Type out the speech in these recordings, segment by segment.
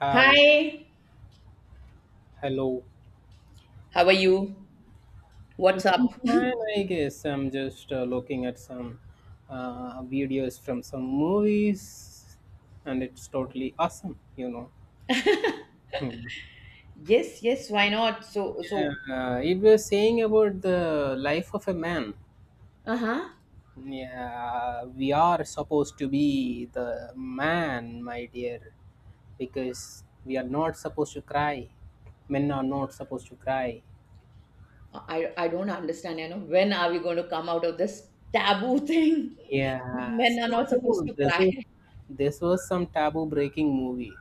Hi, Hi, hello. how are you? What's up? Doing fine, I guess. I'm just looking at some videos from some movies, and it's totally awesome, you know. Hmm. Yes, yes, why not? Yeah, it was saying about the life of a man. Uh-huh. Yeah, we are supposed to be the man, my dear, because we are not supposed to cry. Men are not supposed to cry. I don't understand, you know, when are we going to come out of this taboo thing? Yeah, so Men are not supposed no, to cry. This was some taboo breaking movie.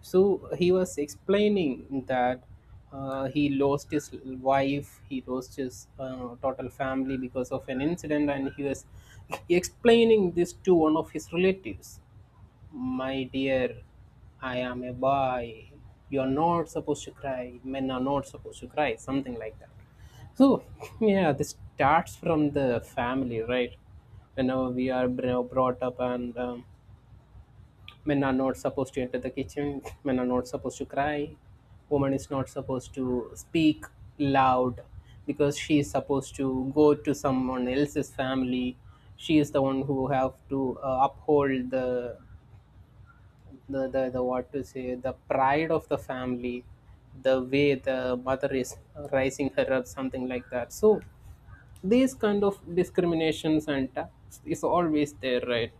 So he was explaining that he lost his wife, he lost his total family because of an incident, and he was explaining this to one of his relatives. My dear, I am a boy. You're not supposed to cry. Men are not supposed to cry. Something like that. So, yeah, this starts from the family, right? Whenever we are brought up, and men are not supposed to enter the kitchen, men are not supposed to cry, woman is not supposed to speak loud because she is supposed to go to someone else's family. She is the one who have to uphold the the what to say, the pride of the family, the way the mother is raising her up, something like that. So these kind of discriminations and tax is always there, right?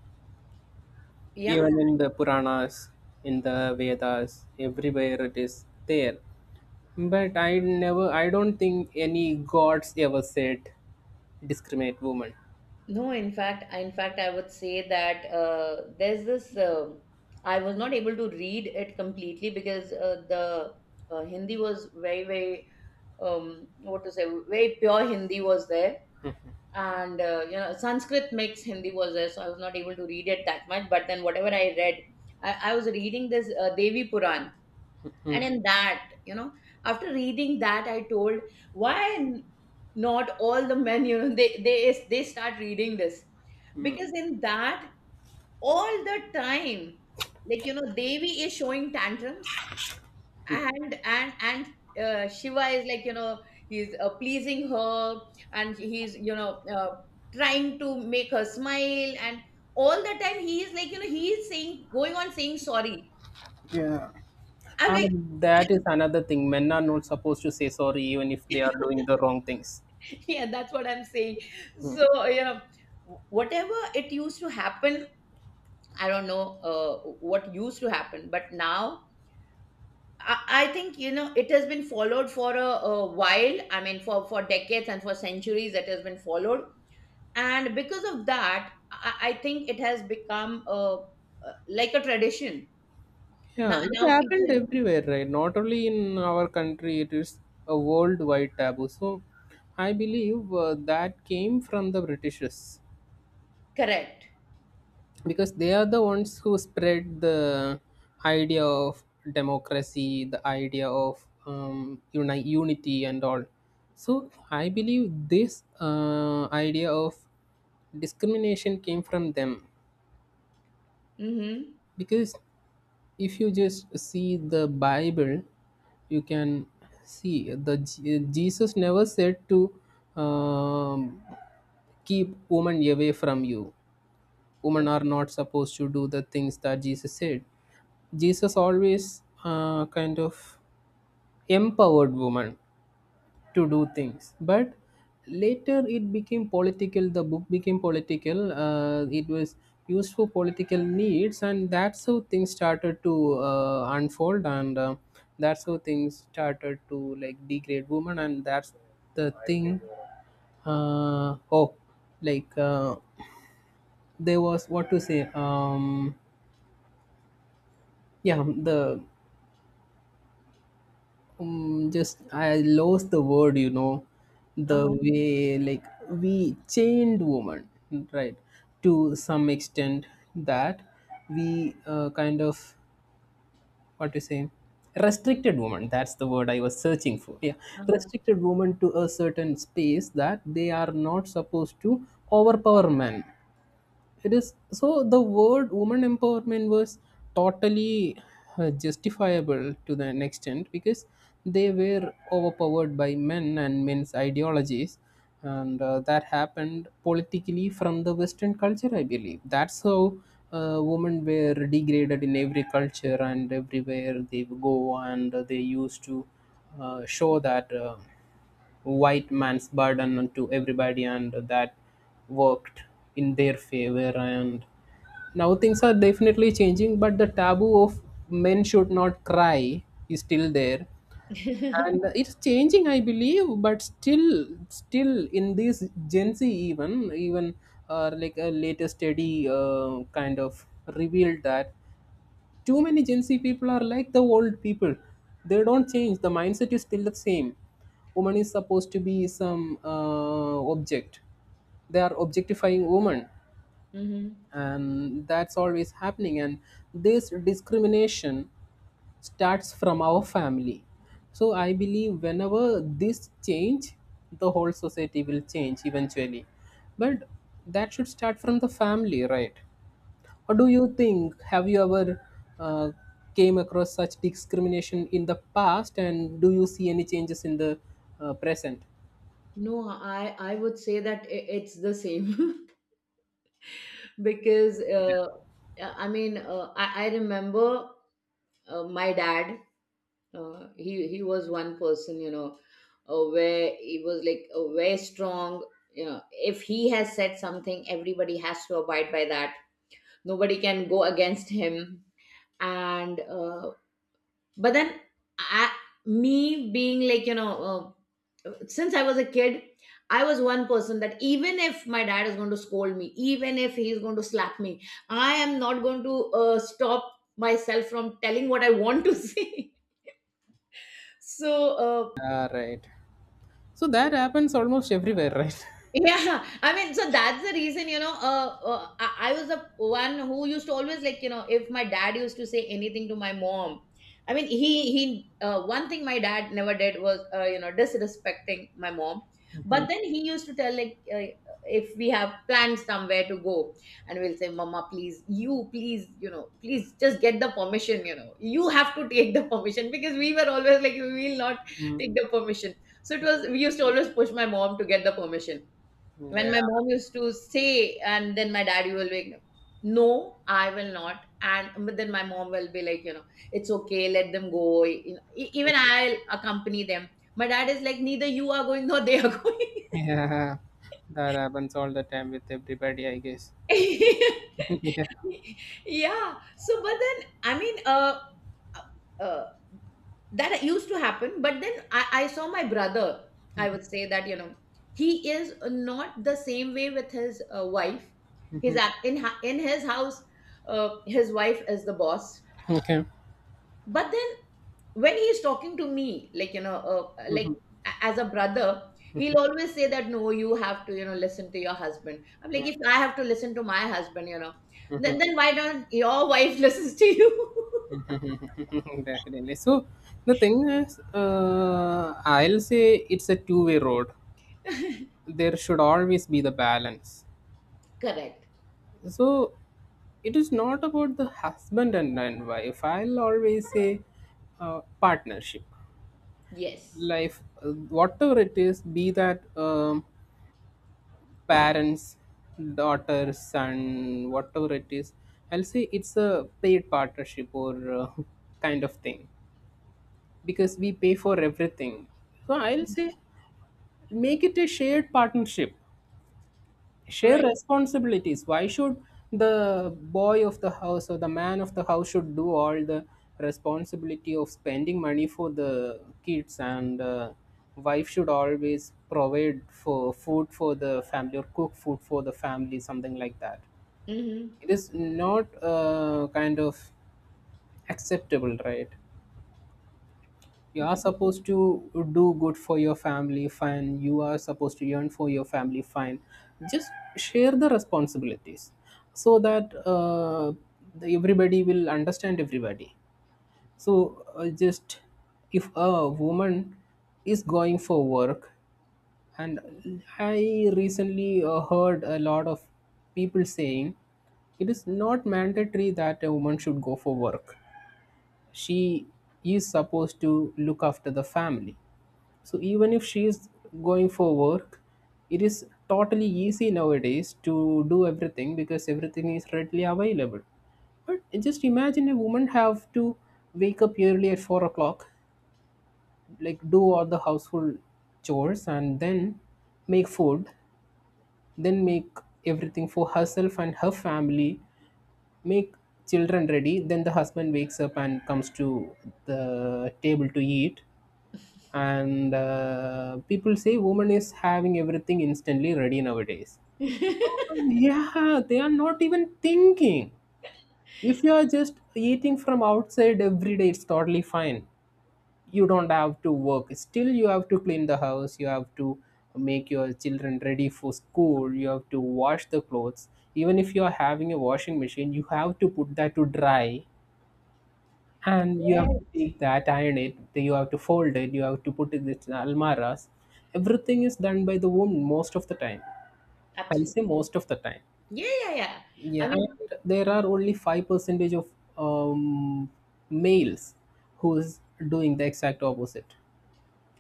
Yeah, Even in the puranas, in the vedas, everywhere it is there. But I don't think any gods ever said discriminate women. no, in fact, I would say that there's I was not able to read it completely because the Hindi was very, very, what to say, very pure Hindi was there. And you know, Sanskrit makes Hindi was there, so I was not able to read it that much, but then whatever I read, I was reading this Devi Puran, Hmm. and in that, you know, after reading that I told, why not all the men, you know, they start reading this, because in that, all the time, like, you know, Devi is showing tantrums, and Shiva is, like, you know, he's pleasing her, and he's, you know, trying to make her smile, and all the time he is like, you know, he is saying, going on saying sorry. Yeah. I'm like, And that is another thing. Men are not supposed to say sorry even if they are doing the wrong things. yeah, that's what I'm saying. So, you know, whatever it used to happen, I don't know what used to happen, but now I think, you know, it has been followed for a while. I mean, for decades and for centuries it has been followed, and because of that, I think it has become a like a tradition now. Yeah, it Now happened people. everywhere, right? Not only in our country, it is a worldwide taboo. So, I believe that came from the Britishers, Correct. because they are the ones who spread the idea of democracy, the idea of unity, and all. So, I believe this idea of discrimination came from them, Mm-hmm. because if you just see the Bible, you can see the Jesus never said to um, keep women away from you. Women are not supposed to do the things that Jesus said. Jesus always kind of empowered women to do things. But later it became political, the book became political. It was used for political needs, and that's how things started to unfold, and that's how things started to, like, degrade women. And that's the thing. uh, oh like uh, there was, what to say, yeah the just I lost the word, you know, the Uh-huh. way, like, we chained woman, right, to some extent, that we, kind of, what to say, restricted woman. That's the word I was searching for, yeah. Restricted woman to a certain space, that they are not supposed to overpower men. It is so. The word woman empowerment was totally justifiable to the an extent, because they were overpowered by men and men's ideologies. And that happened politically from the western culture, I believe. That's how women were degraded in every culture and everywhere they go. And they used to show that white man's burden onto everybody, and that worked in their favor. And now things are definitely changing, but the taboo of men should not cry is still there. Uh-huh. And it's changing, I believe, but still, in this Gen Z, even, like, a latest study kind of revealed that too many Gen Z people are like the old people. They don't change. The mindset is still the same. Woman is supposed to be some object. They are objectifying woman, Hmm. and that's always happening. And this discrimination starts from our family. So I believe whenever this change, the whole society will change eventually. But that should start from the family, right? Or do you think, have you ever uh, came across such discrimination in the past, and do you see any changes in the present? No, I would say that it's the same, because I remember my dad, he was one person, you know, where he was like very strong. You know, if he has said something, everybody has to abide by that. Nobody can go against him. And but then, I, me being like, you know, since I was a kid, I was one person that even if my dad is going to scold me, even if he's going to slap me, I am not going to stop myself from telling what I want to say. so uh, Ah, right. So that happens almost everywhere, right? Yeah, I mean, so that's the reason, you know, I was the one who used to always, like, you know, if my dad used to say anything to my mom, I mean, one thing my dad never did was, you know, disrespecting my mom. But then he used to tell, like, if we have plans somewhere to go, and we'll say, Mama, please, you know, please just get the permission, you know, you have to take the permission, because we were always like, we will not take the permission. So it was, we used to always push my mom to get the permission. When Yeah, my mom used to say, and then my daddy will be like, no, I will not, and but then my mom will be like, you know, it's okay, let them go, you know, even I'll accompany them. My dad is like, neither you are going nor they are going. yeah, that happens all the time with everybody, I guess. Yeah. Yeah, so but then I mean, uh, that used to happen, but then I saw my brother. I would say that, you know, he is not the same way with his wife. He's in his house, his wife is the boss. Okay. But then when he's talking to me, like, you know, as a brother, he'll always say that no, you have to, you know, listen to your husband. I'm like, if I have to listen to my husband, you know, then why don't your wife listens to you? Definitely. So the thing is, I'll say it's a two-way road. There should always be the balance. Correct. So it is not about the husband and, wife. I'll always say partnership Yes. life, whatever it is, be that parents, daughter, son, whatever it is. I'll say it's a paid partnership, or uh, kind of thing, because we pay for everything. So I'll say make it a shared partnership. Share Right. responsibilities. Why should the boy of the house or the man of the house should do all the responsibility of spending money for the kids, and wife should always provide for food for the family or cook food for the family, something like that? Hmm. It is not, kind of, acceptable, right? You are supposed to do good for your family, fine. You are supposed to earn for your family, fine. Just share the responsibilities, so that everybody will understand everybody. So just, if a woman is going for work, and I recently heard a lot of people saying it is not mandatory that a woman should go for work. She is supposed to look after the family. So even if she is going for work, it is totally easy nowadays to do everything, because everything is readily available. But just imagine, a woman have to wake up early at 4 o'clock, like, do all the household chores, and then make food, then make everything for herself and her family, make children ready, then the husband wakes up and comes to the table to eat. And people say woman is having everything instantly ready nowadays. Yeah, they are not even thinking. If you are just eating from outside every day, it's totally fine. You don't have to work. Still, you have to clean the house, you have to make your children ready for school, you have to wash the clothes. Even if you are having a washing machine, you have to put that to dry, and you Yeah, have to take that, iron it, then you have to fold it, you have to put it in almaras. Everything is done by the woman most of the time. I say absolutely. most of the time. Yeah, yeah, yeah. Yeah, I and mean, there are only 5 percentage of um, males who is doing the exact opposite.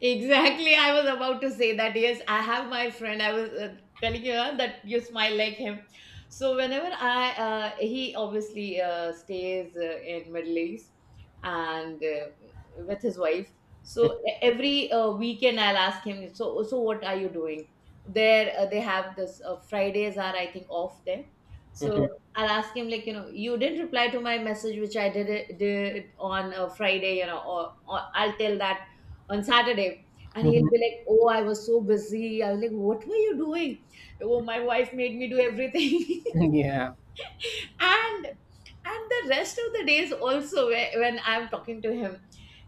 exactly, I was about to say that. Yes, I have my friend. I was telling you that you smile like him. So whenever he obviously stays in Middle East and with his wife. So every weekend I'll ask him. So so what are you doing? There they have this Fridays are I think off there. Mhm. So I'll ask him, like, you know, you didn't reply to my message which did on a Friday, you know, or I'll tell that on Saturday. And he'll Mhm. be like, Oh, I was so busy. I was like, what were you doing? Oh, my wife made me do everything. Yeah. and and the rest of the days also, when I'm talking to him,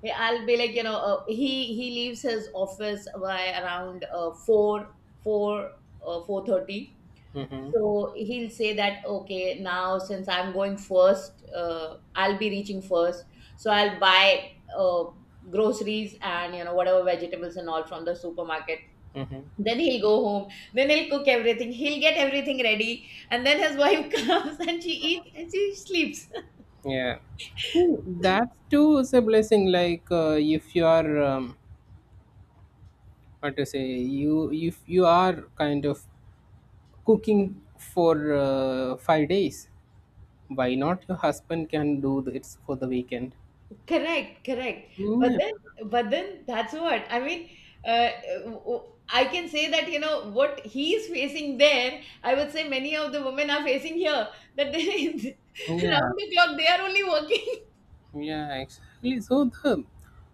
I'll be like, you know, he leaves his office by around four 4:30. Hmm. So he'll say that, okay, now since I'm going first, I'll be reaching first. So I'll buy uh, groceries and, you know, whatever vegetables and all from the supermarket. Hmm. Then he'll go home. Then he'll cook everything. He'll get everything ready. And then his wife comes and she eats and she sleeps. Yeah. Ooh, that too is a blessing. Like, if you are, what to say, you, if you are kind of cooking for 5 days, why not? Your husband can do this for the weekend. Correct, correct. But Yeah, then, but then that's what I mean. Uh, w- w- I can say that, you know, what he is facing there, I would say many of the women are facing here. That they, yeah, round the clock, they are only working. yeah, exactly. So the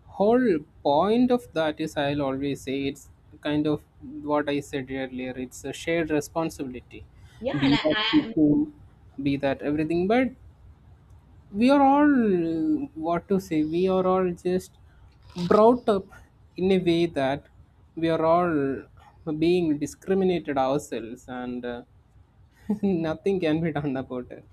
whole point of that is, I'll always say it's kind of what I said earlier. It's a shared responsibility, Yeah, be that cooking, be that everything. But we are all, what to say, we are all just brought up in a way that we are all being discriminated ourselves, and nothing can be done about it.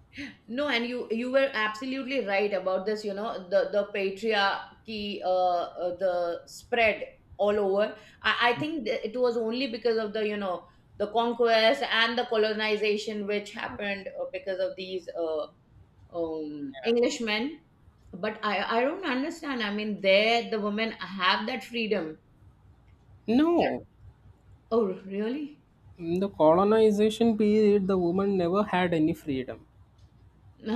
no, and you were absolutely right about this. You know, the patriarchy, the spread all over. I think it was only because of, the you know, the conquest and the colonization which happened because of these Englishmen. But I don't understand. I mean, there the women have that freedom. No, Oh, really? in the colonization period the woman never had any freedom.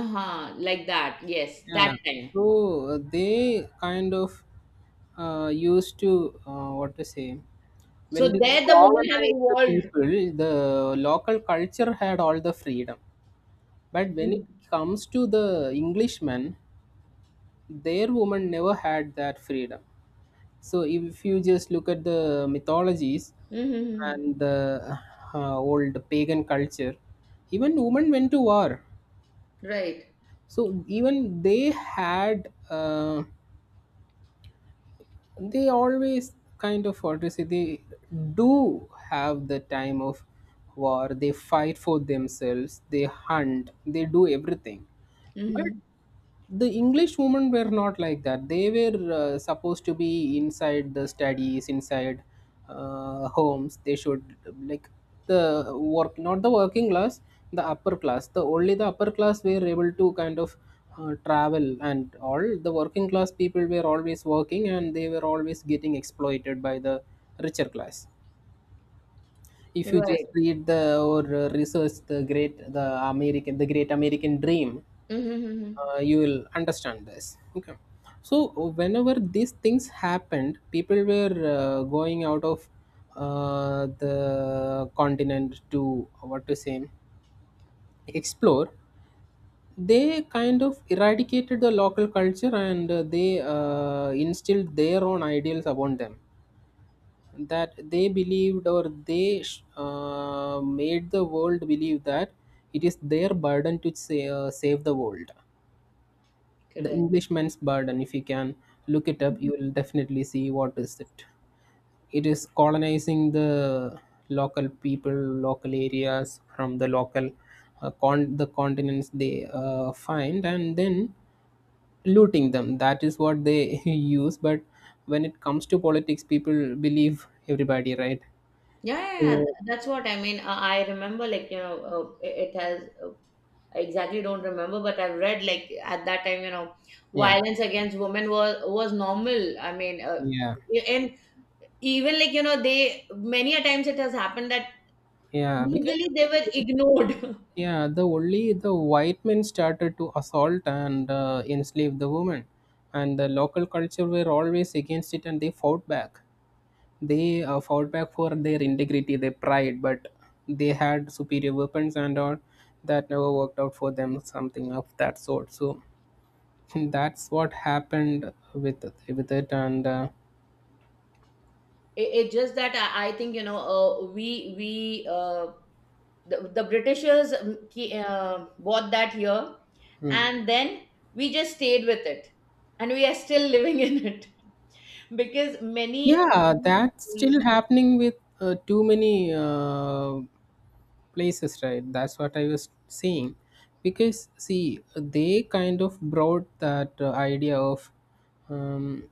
Uh-huh, like that. Yes, Yeah, that time. so they kind of used to, what to say, when So they there the women have colonized the evolved. people, the local culture had all the freedom. But when it comes to the Englishmen, their women never had that freedom. So if you just look at the mythologies Hmm. and the old pagan culture, even women went to war. Right. So even they had, they always kind of, what to say, they do have the time of war. They fight for themselves. They hunt. They do everything. But Mm-hmm. the English women were not like that. They were supposed to be inside the studies, inside homes. They should, like, the work, not the working class, the upper class. The only the upper class were able to kind of travel and all. The working class people were always working, and they were always getting exploited by the richer class. If you Right. just read the, or research the great, the American, the Great American Dream, Mm-hmm. You will understand this. Okay, so whenever these things happened, people were going out of the continent to, what to say, explore. They kind of eradicated the local culture, and they instilled their own ideals upon them, that they believed, or made the world believe that it is their burden to, say, save the world. The Correct. Englishman's burden, if you can look it up, you will definitely see what is it. It is colonizing the local people, local areas, from the local the continents they find, and then looting them. That is what they use. But when it comes to politics, people believe everybody, right? Yeah, yeah, yeah. So That's what I mean. I remember, like, you know, it has, I exactly don't remember, but I've read, like, at that time, you know, yeah, violence against women was normal. I mean, yeah, and even, like, you know, they, many a times it has happened that yeah. Because legally they were ignored. yeah, the only the white men started to assault and enslave the women, and the local culture were always against it, and they fought back. They fought back for their integrity, their pride, but they had superior weapons and all. That never worked out for them, something of that sort. So that's what happened with it, and. It just that I think, you know, the Britishers bought that here, hmm. and then we just stayed with it, and we are still living in it. Because many, Yeah, many that's cities. still happening with too many places, right? That's what I was saying, because see, they kind of brought that idea of, um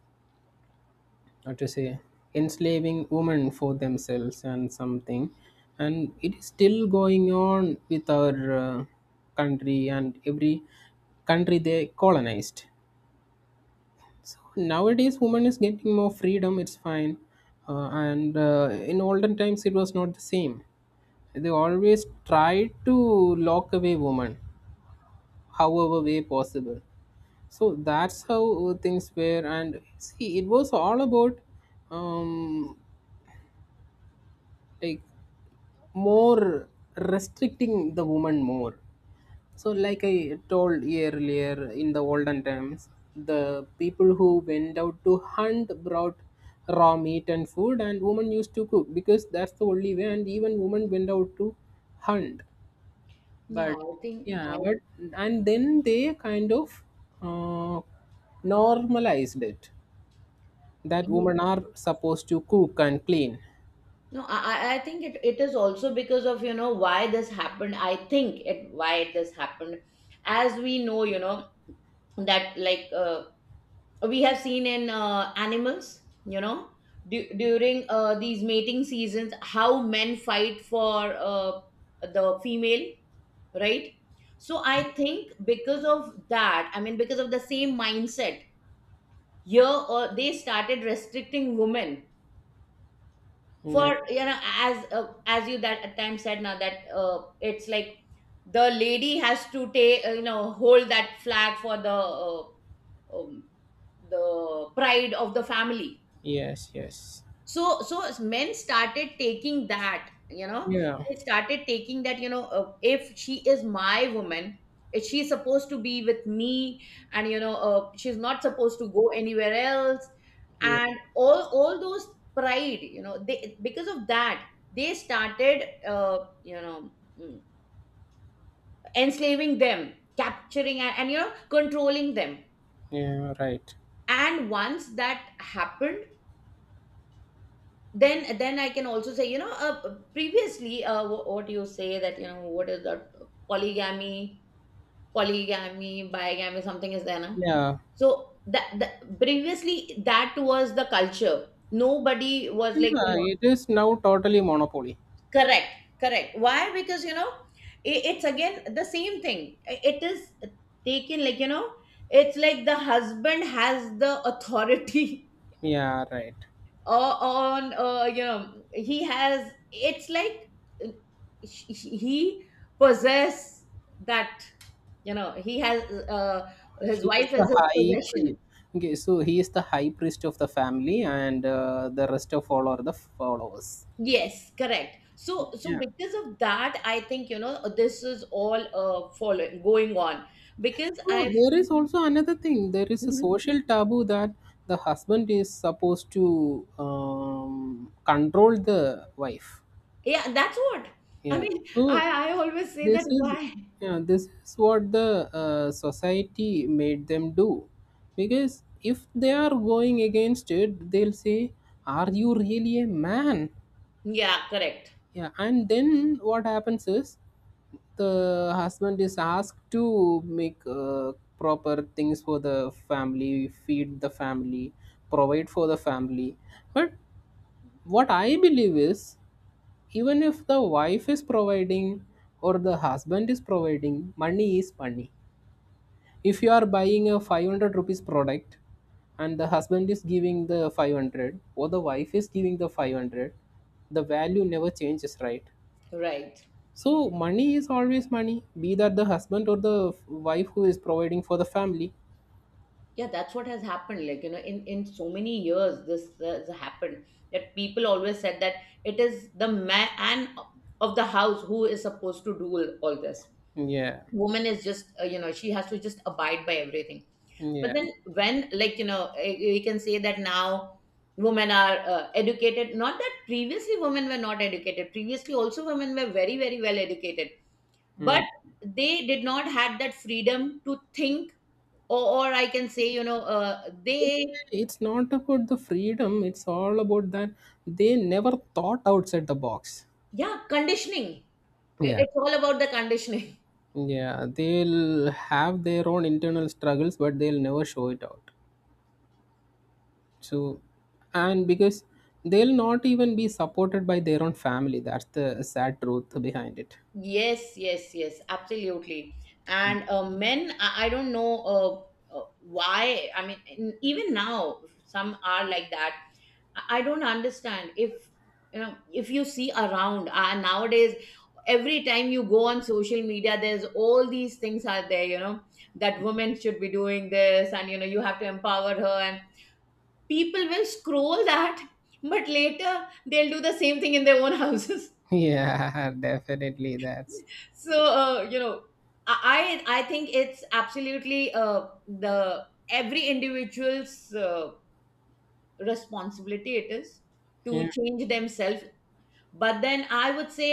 how to say, enslaving women for themselves and something, and it is still going on with our country and every country they colonized. Nowadays woman is getting more freedom, it's fine. And In olden times it was not the same. They always tried to lock away women however way possible. So that's how things were. And see, it was all about, um like more restricting the woman more. So like I told earlier, in the olden times the people who went out to hunt brought raw meat and food, and women used to cook because that's the only way. And even women went out to hunt. Yeah, But I think I, yeah, but and then they kind of uh, normalized it, that women are supposed to cook and clean. no, I think it is also because of, you know, why this happened, I think it why this happened. As we know, you know, that like we have seen in animals, you know, during these mating seasons, how men fight for the female, right? So I think because of that, I mean, because of the same mindset here, they started restricting women Yeah. for, you know, as you that at times said, now that it's like the lady has to take, you know, hold that flag for um, the pride of the family. Yes, yes. So so men started taking that, you know, Yeah. they started taking that, you know, if she is my woman, if she's supposed to be with me, and you know, she's not supposed to go anywhere else, Yeah, and all those pride, you know, they, because of that, they started you know, mm, enslaving them, capturing and you know, controlling them. yeah, right. And once that happened, then I can also say, you know, previously what you say, that you know, what is that, polygamy, polygamy, bigamy, something is there now. Yeah, So that previously that was the culture, nobody was like, you yeah, know. it is now totally monopoly. Correct, correct. Why? Because, you know, it's again the same thing. It is taken like, you know, it's like the husband has the authority. Yeah, right. On you know, he has, it's like, uh, he possess that, you know, he has uh, his He is wife as the his high possession. priest. Okay, so he is the high priest of the family, and the rest of all are the followers. Yes, correct. So so Yeah. because of that I think, you know, this is all following going on. Because So I there feel. is also another thing. There is a Mhm. social taboo that the husband is supposed to control the wife. Yeah, that's what I Yeah. mean. So I I always say that this is, why. yeah, this is what the society made them do, because if they are going against it, they'll say, "Are you really a man? Yeah, correct. Yeah, and then what happens is the husband is asked to make proper things for the family, feed the family, provide for the family. But what I believe is, even if the wife is providing or the husband is providing, money is money. If you are buying a 500 rupees product and the husband is giving the 500 or the wife is giving the 500, the value never changes, right? Right. So money is always money, be that the husband or the wife who is providing for the family. Yeah, that's what has happened, like, you know, in so many years this has happened, that people always said that it is the man of the house who is supposed to do all this. Yeah, Woman is just you know, she has to just abide by everything. But yeah. then when, like, you know, we can say that now women are educated. Not that previously women were not educated, previously also women were very very well educated, but Mm. they did not had that freedom to think, or I can say, you know, It's not about the freedom, it's all about that they never thought outside the box. yeah, conditioning. Yeah, It's all about the conditioning. yeah. They'll have their own internal struggles, but they'll never show it out. So, and because they'll not even be supported by their own family, that's the sad truth behind it. Yes, yes, yes, absolutely. And men, I don't know why. I mean, even now, some are like that. I don't understand if, you know, if you see around nowadays. Every time you go on social media, there's all these things are there. You know that women should be doing this, and you know you have to empower her, and people will scroll that, but later they'll do the same thing in their own houses. Yeah, definitely. That's So you know, I think it's absolutely the every individual's uh, responsibility it is to yeah, change themselves. But then I would say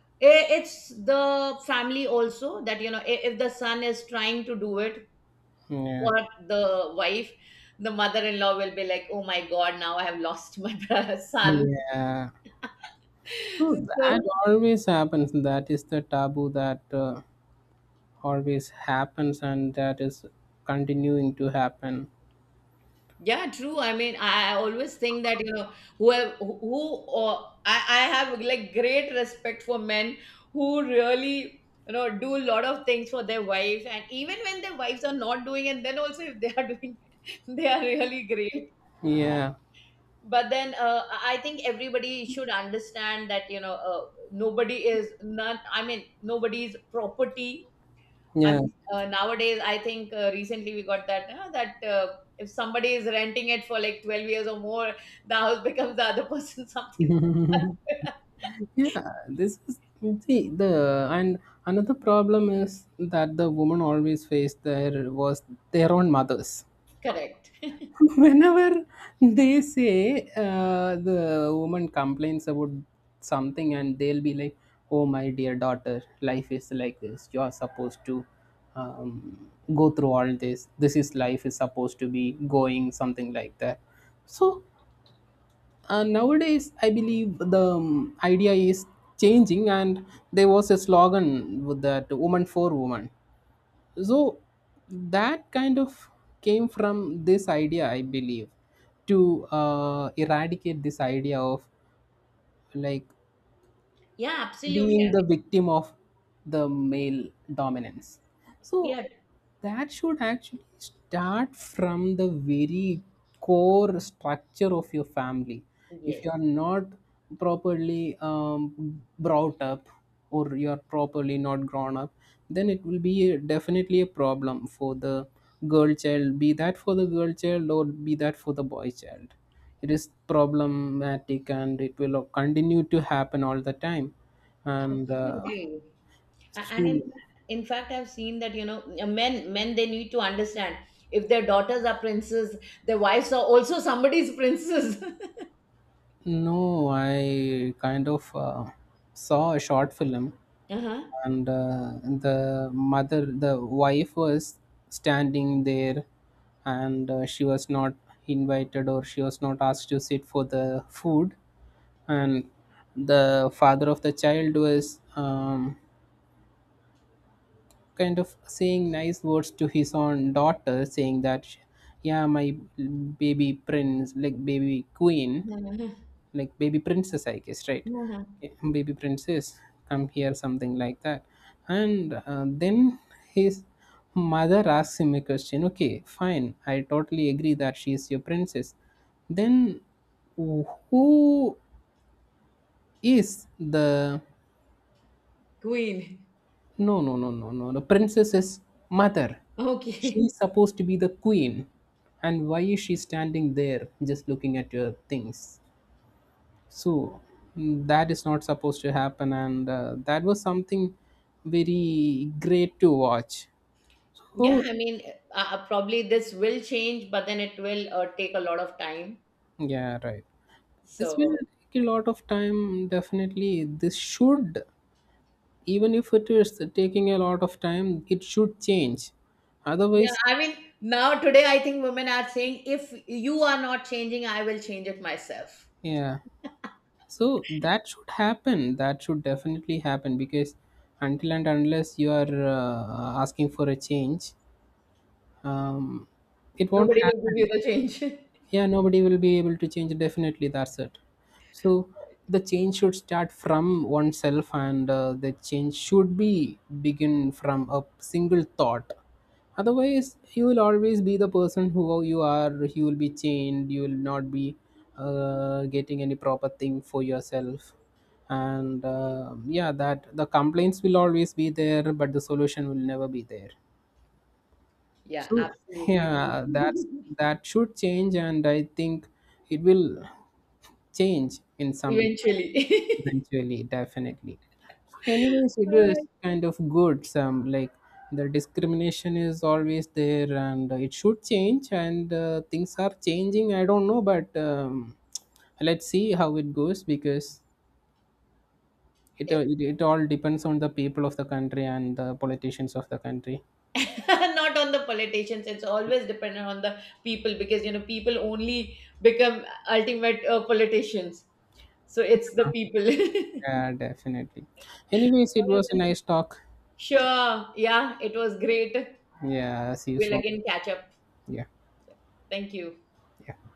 it's the family also, that you know, if the son is trying to do it yeah. for the wife, the mother-in-law will be like, oh my god, now I have lost my son. Yeah. Oh, that So always happens. That is the taboo that always happens, and that is continuing to happen. yeah, true. I mean, I always think that, you know, whoever who or I have like great respect for men who really, you know, do a lot of things for their wives, and even when their wives are not doing, and then also if they are doing, they are really great. Yeah. But then I think everybody should understand that, you know, nobody is none. I mean, nobody's property. I Yeah. mean, nowadays, I think recently we got that if somebody is renting it for like 12 years or more, the house becomes the other person something. Yeah. This is, see the, and another problem is that the women always face their was their own mothers. Correct. Whenever they say, the woman complains about something, and they'll be like, "Oh my dear daughter, life is like this, you are supposed to, um, go through all this, this is life, is supposed to be going," something like that. So nowadays I believe the idea is changing, and there was a slogan with that, woman for woman. So that kind of came from this idea, I believe, to eradicate this idea of, like, Yeah, absolutely. being the victim of the male dominance. So Yeah. that should actually start from the very core structure of your family. If Yes, you are not properly brought up, or you are properly not grown up, then it will be a, definitely a problem for the girl child, be that for the girl child or be that for the boy child. It is problematic and it will continue to happen all the time, and absolutely. And so- in fact, I've seen that, you know, men they need to understand, if their daughters are princes, their wives are also somebody's princes. no, I kind of saw a short film, Uh-huh. and the mother, the wife was standing there, and she was not invited, or she was not asked to sit for the food, and the father of the child was, kind of saying nice words to his own daughter, saying that, "Yeah, my baby prince, like baby queen, Uh-huh. like baby princess, I guess, right?" Uh-huh. Eh, baby princess, come here, something like that. And then his mother asks him a question, "Okay, fine, I totally agree that she is your princess. Then who is the..." Queen. "No, no, no, no, no, the princess's mother, Okay. she's supposed to be the queen. And why is she standing there just looking at your things?" So, mm, that is not supposed to happen. And that was something very great to watch. Yeah, So I mean, probably this will change, but then it will take a lot of time. yeah, right, this will So, take a lot of time, definitely. This should, even if it is taking a lot of time, it should change, yeah, otherwise. I mean, now today I think women are saying, if you are not changing, I will change it myself. Yeah, so that should happen, that should definitely happen, because until and unless you are asking for a change, um, it won't Nobody will give happen. you the change. Yeah, nobody will be able to change, definitely, that's it. So the change should start from oneself, and the change should be begin from a single thought. Otherwise you will always be the person who you are, you will be chained, you will not be getting any proper thing for yourself. And yeah, that the complaints will always be there, but the solution will never be there. Yeah, So absolutely. yeah, that's, that should change, and I think it will change in some time. Eventually. Eventually, definitely. So, anyways, it All was kind of good. Some like, the discrimination is always there, and it should change, and things are changing. I don't know, but let's see how it goes, because it, uh, right. it it all depends on the people of the country and the politicians of the country. Not on the politicians. It's always dependent on the people, because you know, people only become ultimate politicians. So it's the people. Yeah, definitely. Anyways, it All right, was a nice talk. sure. Yeah, it was great. Yeah, see you We'll soon. again catch up. Yeah, Thank you. yeah.